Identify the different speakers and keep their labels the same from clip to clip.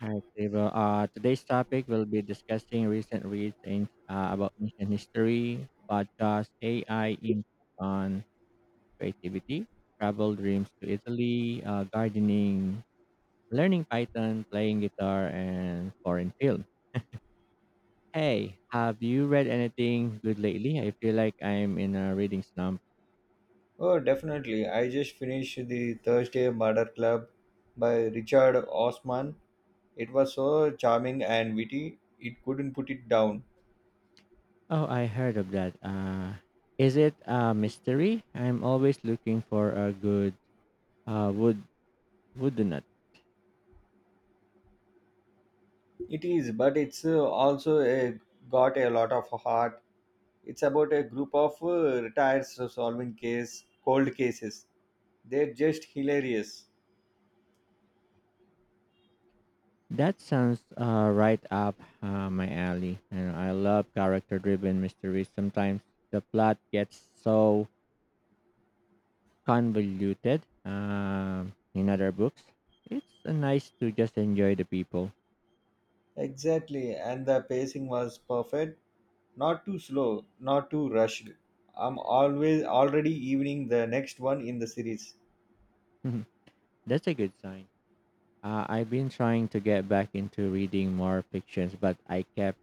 Speaker 1: Hi, Sable. Today's topic will be discussing recent reads in, about ancient history, podcast, AI impact on creativity, travel dreams to Italy, gardening, learning Python, playing guitar, and foreign film. Hey, have you read anything good lately? I feel like I'm in a reading slump.
Speaker 2: Oh, definitely. I just finished the Thursday Murder Club by Richard Osman. It was so charming and witty, it couldn't put it down.
Speaker 1: Oh, I heard of that. Is it a mystery? I'm always looking for a good uh, wood wooden.
Speaker 2: It is, but it's got a lot of heart. It's about a group of retired, solving case cold cases. They're just hilarious.
Speaker 1: That sounds right up my alley. And I love character driven mysteries. Sometimes the plot gets so convoluted in other books. It's nice to just enjoy the people.
Speaker 2: Exactly, and the pacing was perfect. Not too slow, not too rushed. I'm always already evening the next one in the series.
Speaker 1: That's a good sign. I've been trying to get back into reading more fictions, but I kept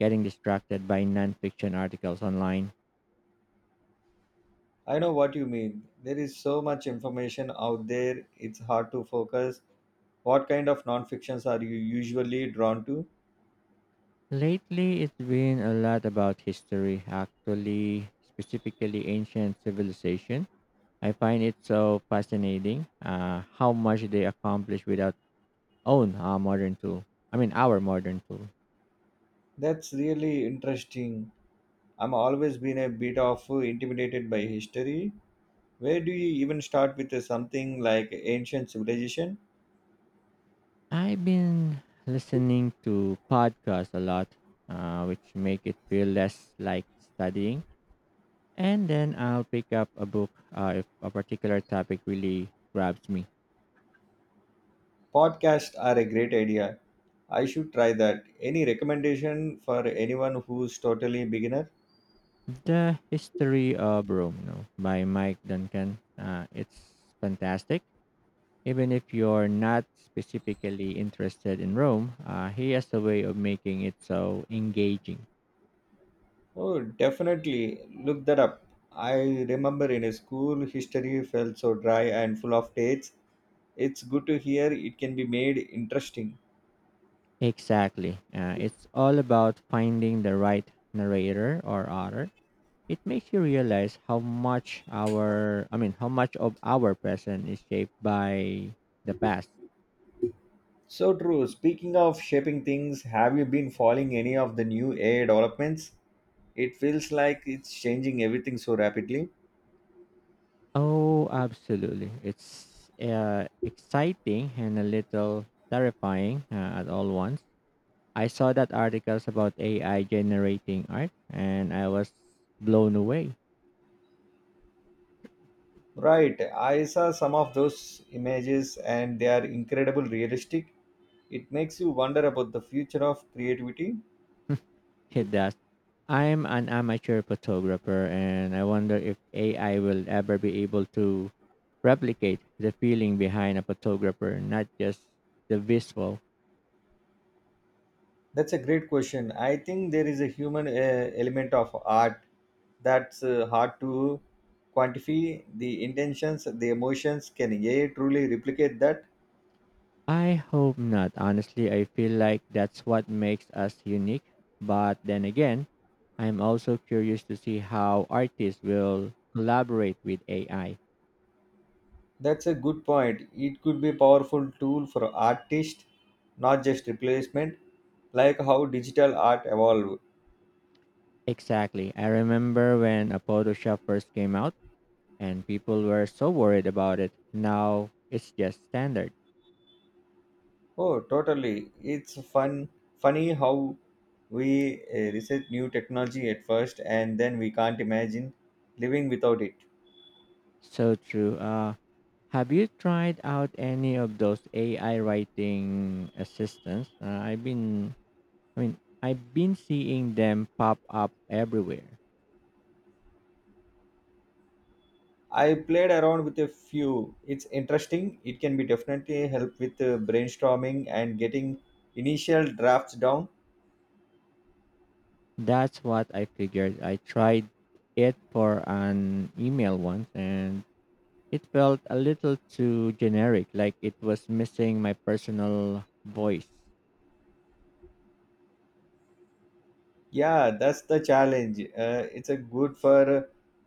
Speaker 1: getting distracted by nonfiction articles online.
Speaker 2: I know what you mean. There is so much information out there, it's hard to focus. What kind of non-fictions are you usually drawn to?
Speaker 1: Lately, it's been a lot about history, actually, specifically ancient civilization. I find it so fascinating how much they accomplish without own modern tool. I mean, our modern tool.
Speaker 2: That's really interesting. I'm always been a bit of intimidated by history. Where do you even start with something like ancient civilization?
Speaker 1: I've been listening to podcasts a lot, which make it feel less like studying. And then I'll pick up a book if a particular topic really grabs me.
Speaker 2: Podcasts are a great idea. I should try that. Any recommendation for anyone who's totally beginner?
Speaker 1: The History of Rome, you know, by Mike Duncan. It's fantastic. Even if you're not specifically interested in Rome, he has a way of making it so engaging.
Speaker 2: Oh, definitely. Look that up. I remember in a school, history felt so dry and full of dates. It's good to hear it can be made interesting.
Speaker 1: Exactly. It's all about finding the right narrator or author. It makes you realize how much of our present is shaped by the past.
Speaker 2: So true. Speaking of shaping things, have you been following any of the new AI developments? It feels like it's changing everything so rapidly.
Speaker 1: Oh, absolutely. It's exciting and a little terrifying at all once. I saw that articles about AI generating art and I was blown away.
Speaker 2: Right. I saw some of those images and they are incredible realistic. It makes you wonder about the future of creativity.
Speaker 1: It does. I'm an amateur photographer and I wonder if AI will ever be able to replicate the feeling behind a photographer, not just the visual.
Speaker 2: That's a great question. I think there is a human element of art that's hard to quantify. The intentions, the emotions, can AI truly replicate that?
Speaker 1: I hope not. Honestly, I feel like that's what makes us unique. But then again, I'm also curious to see how artists will collaborate with AI.
Speaker 2: That's a good point. It could be a powerful tool for artists, not just replacement, like how digital art evolved.
Speaker 1: Exactly. I remember when a Photoshop first came out and people were so worried about it. Now it's just standard.
Speaker 2: Oh, totally. It's funny how we research new technology at first and then we can't imagine living without it.
Speaker 1: So true. Have you tried out any of those AI writing assistants? I've been seeing them pop up everywhere.
Speaker 2: I played around with a few. It's interesting. It can be definitely help with brainstorming and getting initial drafts down.
Speaker 1: That's what I figured. I tried it for an email once and it felt a little too generic, like it was missing my personal voice.
Speaker 2: Yeah, that's the challenge. It's a good for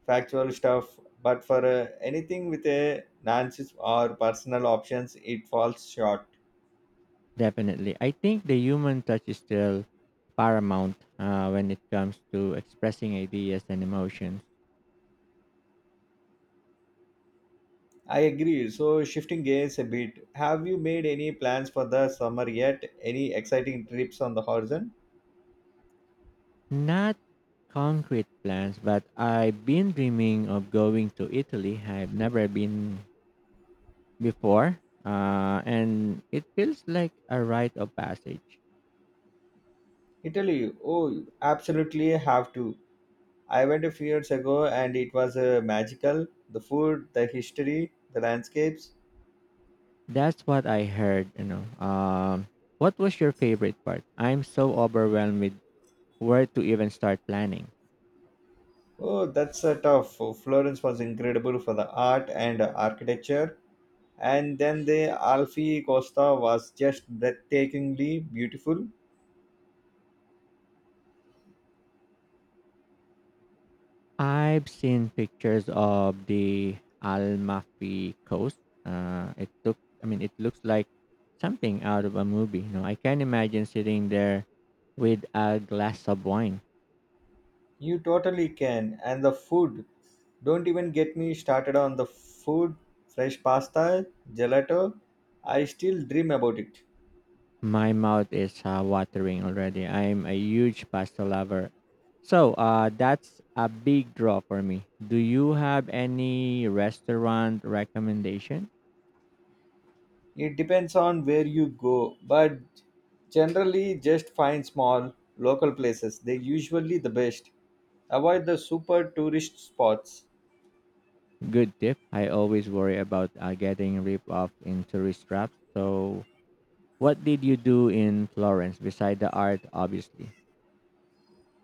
Speaker 2: factual stuff, but for anything with a nonsense or personal options, it falls short.
Speaker 1: Definitely. I think the human touch is still paramount when it comes to expressing ideas and emotions.
Speaker 2: I agree. So shifting gears a bit, have you made any plans for the summer yet? Any exciting trips on the horizon?
Speaker 1: Not concrete plans, but I've been dreaming of going to Italy. I've never been before. And it feels like a rite of passage.
Speaker 2: Italy. Oh, you absolutely have to. I went a few years ago and it was magical. The food, the history, the landscapes.
Speaker 1: That's what I heard, you know. What was your favorite part? I'm so overwhelmed with where to even start planning.
Speaker 2: Oh, that's tough. Florence was incredible for the art and architecture. And then the Alfie Costa was just breathtakingly beautiful.
Speaker 1: I've seen pictures of the Almafi coast. It took I mean it looks like something out of a movie. You know, I can imagine sitting there with a glass of wine.
Speaker 2: You totally can. And the food. Don't even get me started on the food, fresh pasta, gelato. I still dream about it.
Speaker 1: My mouth is watering already. I'm a huge pasta lover. So, that's a big draw for me. Do you have any restaurant recommendation?
Speaker 2: It depends on where you go, but generally just find small local places. They're usually the best. Avoid the super tourist spots.
Speaker 1: Good tip. I always worry about getting ripped off in tourist traps. So, what did you do in Florence beside the art, obviously?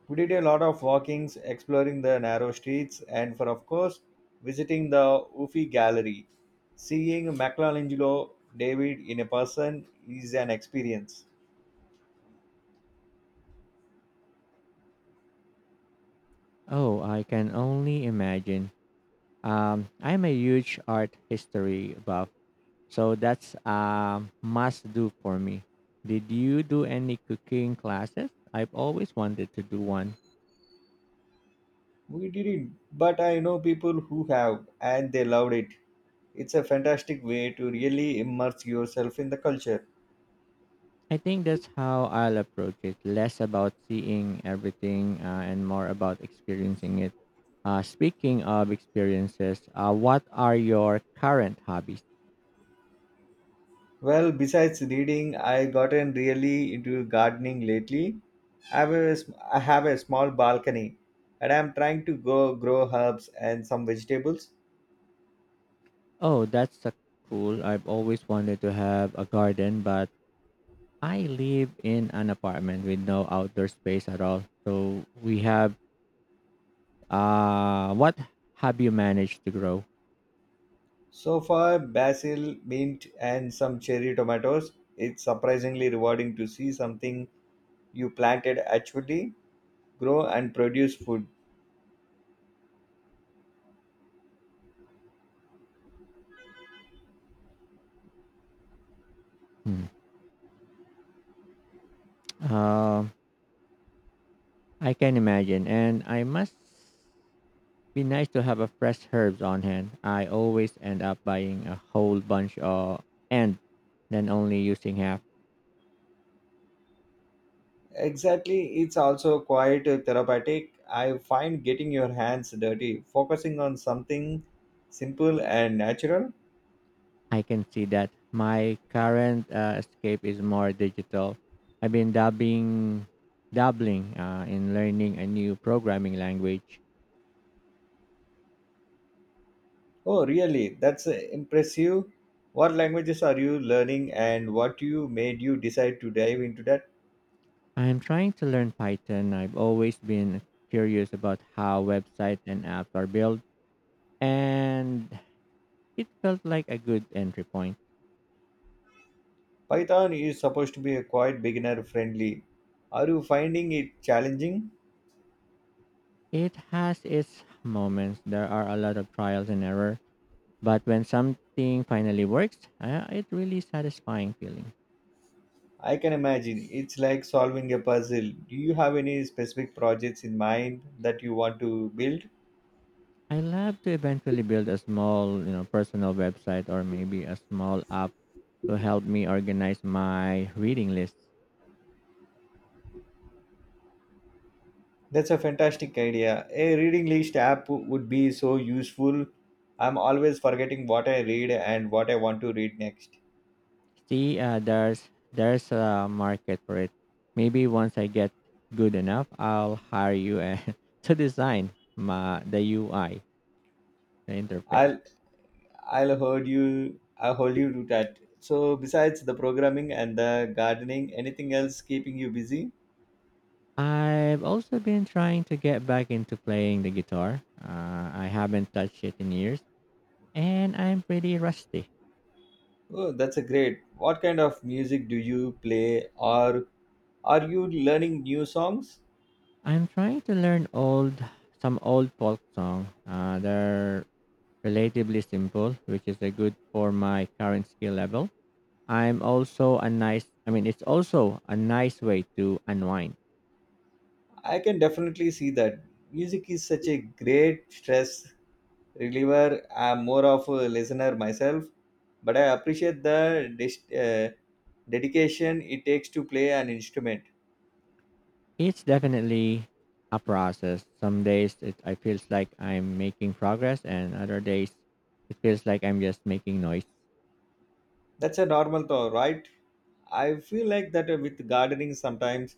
Speaker 2: We did a lot of walkings, exploring the narrow streets, and for of course, visiting the Uffi Gallery. Seeing Michelangelo David in a person is an experience.
Speaker 1: Oh, I can only imagine. I'm a huge art history buff. So that's a must do for me. Did you do any cooking classes? I've always wanted to do one.
Speaker 2: We didn't, but I know people who have, and they loved it. It's a fantastic way to really immerse yourself in the culture.
Speaker 1: I think that's how I'll approach it. Less about seeing everything and more about experiencing it. Speaking of experiences, what are your current hobbies?
Speaker 2: Well, besides reading, I gotten really into gardening lately. I have a small balcony and I'm trying to go grow herbs and some vegetables.
Speaker 1: Oh, that's a cool. I've always wanted to have a garden, but I live in an apartment with no outdoor space at all. So we have. What have you managed to grow?
Speaker 2: So far, basil, mint, and some cherry tomatoes. It's surprisingly rewarding to see something you planted actually grow and produce food.
Speaker 1: Hmm. Uh, I can imagine, and I must be nice to have a fresh herbs on hand. I always end up buying a whole bunch of and then only using half.
Speaker 2: Exactly, it's also quite therapeutic. I find getting your hands dirty, focusing on something simple and natural.
Speaker 1: I can see that my current escape is more digital. I've been dabbling in learning a new programming language.
Speaker 2: Oh, really? That's impressive. What languages are you learning and what you made you decide to dive into that?
Speaker 1: I'm trying to learn Python. I've always been curious about how websites and apps are built, and it felt like a good entry point.
Speaker 2: Python is supposed to be a quite beginner friendly. Are you finding it challenging?
Speaker 1: It has its moments. There are a lot of trials and error, but when something finally works, it really satisfying feeling.
Speaker 2: I can imagine. It's like solving a puzzle. Do you have any specific projects in mind that you want to build?
Speaker 1: I love to eventually build a small, you know, personal website or maybe a small app to help me organize my reading list.
Speaker 2: That's a fantastic idea. A reading list app would be so useful. I'm always forgetting what I read and what I want to read next.
Speaker 1: See, there's a market for it. Maybe once I get good enough, I'll hire you to design my the UI, the interface.
Speaker 2: I'll I'll hold you to that. So besides the programming and the gardening, anything else keeping you busy?
Speaker 1: I've also been trying to get back into playing the guitar. I haven't touched it in years, and I'm pretty rusty.
Speaker 2: Oh, that's a great. What kind of music do you play, or are you learning new songs?
Speaker 1: I'm trying to learn old some old folk song. They're relatively simple, which is a good for my current skill level. I'm also a nice I mean it's also a nice way to unwind.
Speaker 2: I can definitely see that music is such a great stress reliever. I'm more of a listener myself, but I appreciate the dedication it takes to play an instrument.
Speaker 1: It's definitely a process. Some days it I feels like I'm making progress and other days it feels like I'm just making noise.
Speaker 2: That's a normal thought, right? I feel like that with gardening sometimes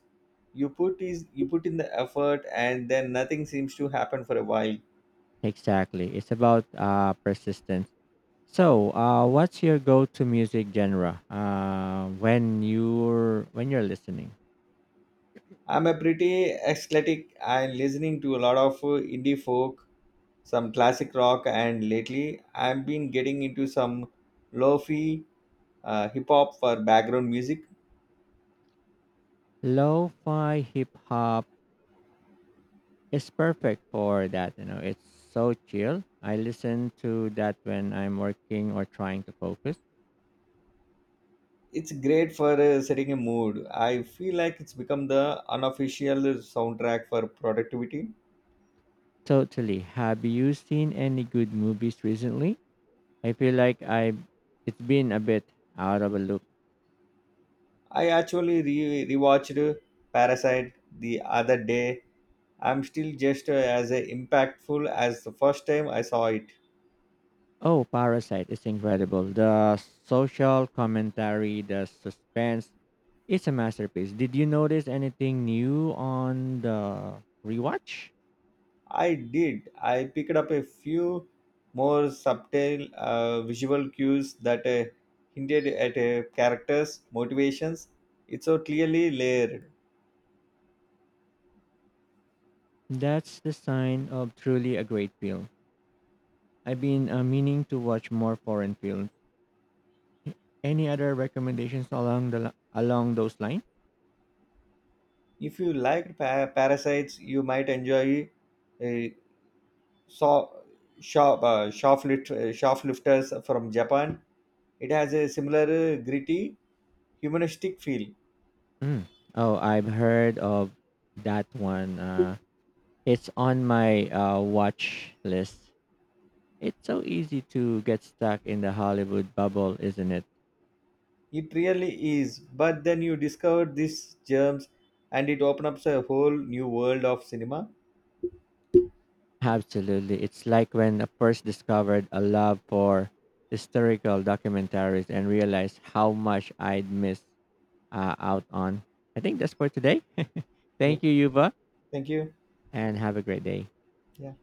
Speaker 2: you put in the effort and then nothing seems to happen for a while.
Speaker 1: Exactly. It's about persistence. So, what's your go-to music genre when you're listening?
Speaker 2: I'm a pretty athletic and listening to a lot of indie folk, some classic rock, and lately I've been getting into some lo-fi hip hop for background music.
Speaker 1: Lo-fi, hip hop, it's perfect for that. You know, it's so chill. I listen to that when I'm working or trying to focus.
Speaker 2: It's great for setting a mood. I feel like it's become the unofficial soundtrack for productivity.
Speaker 1: Totally. Have you seen any good movies recently? I feel like I it's been a bit out of a loop.
Speaker 2: I actually rewatched Parasite the other day. I'm still just as impactful as the first time I saw it.
Speaker 1: Oh, Parasite is incredible. The social commentary, the suspense, it's a masterpiece. Did you notice anything new on the rewatch?
Speaker 2: I did. I picked up a few more subtle visual cues that hinted at a character's motivations. It's so clearly layered.
Speaker 1: That's the sign of truly a great film. I've been meaning to watch more foreign films. Any other recommendations along those lines?
Speaker 2: If you liked Parasites, you might enjoy uh, saw shoplifters from Japan. It has a similar gritty humanistic feel.
Speaker 1: Mm. Oh, I've heard of that one. It's on my watch list. It's so easy to get stuck in the Hollywood bubble, isn't it?
Speaker 2: It really is. But then you discover these germs and it opens up a whole new world of cinema.
Speaker 1: Absolutely. It's like when I first discovered a love for historical documentaries and realized how much I'd missed out on. I think that's for today.
Speaker 2: Yeah.
Speaker 1: Thank you, Yuba,
Speaker 2: Thank you.
Speaker 1: and have a great day.
Speaker 2: Yeah.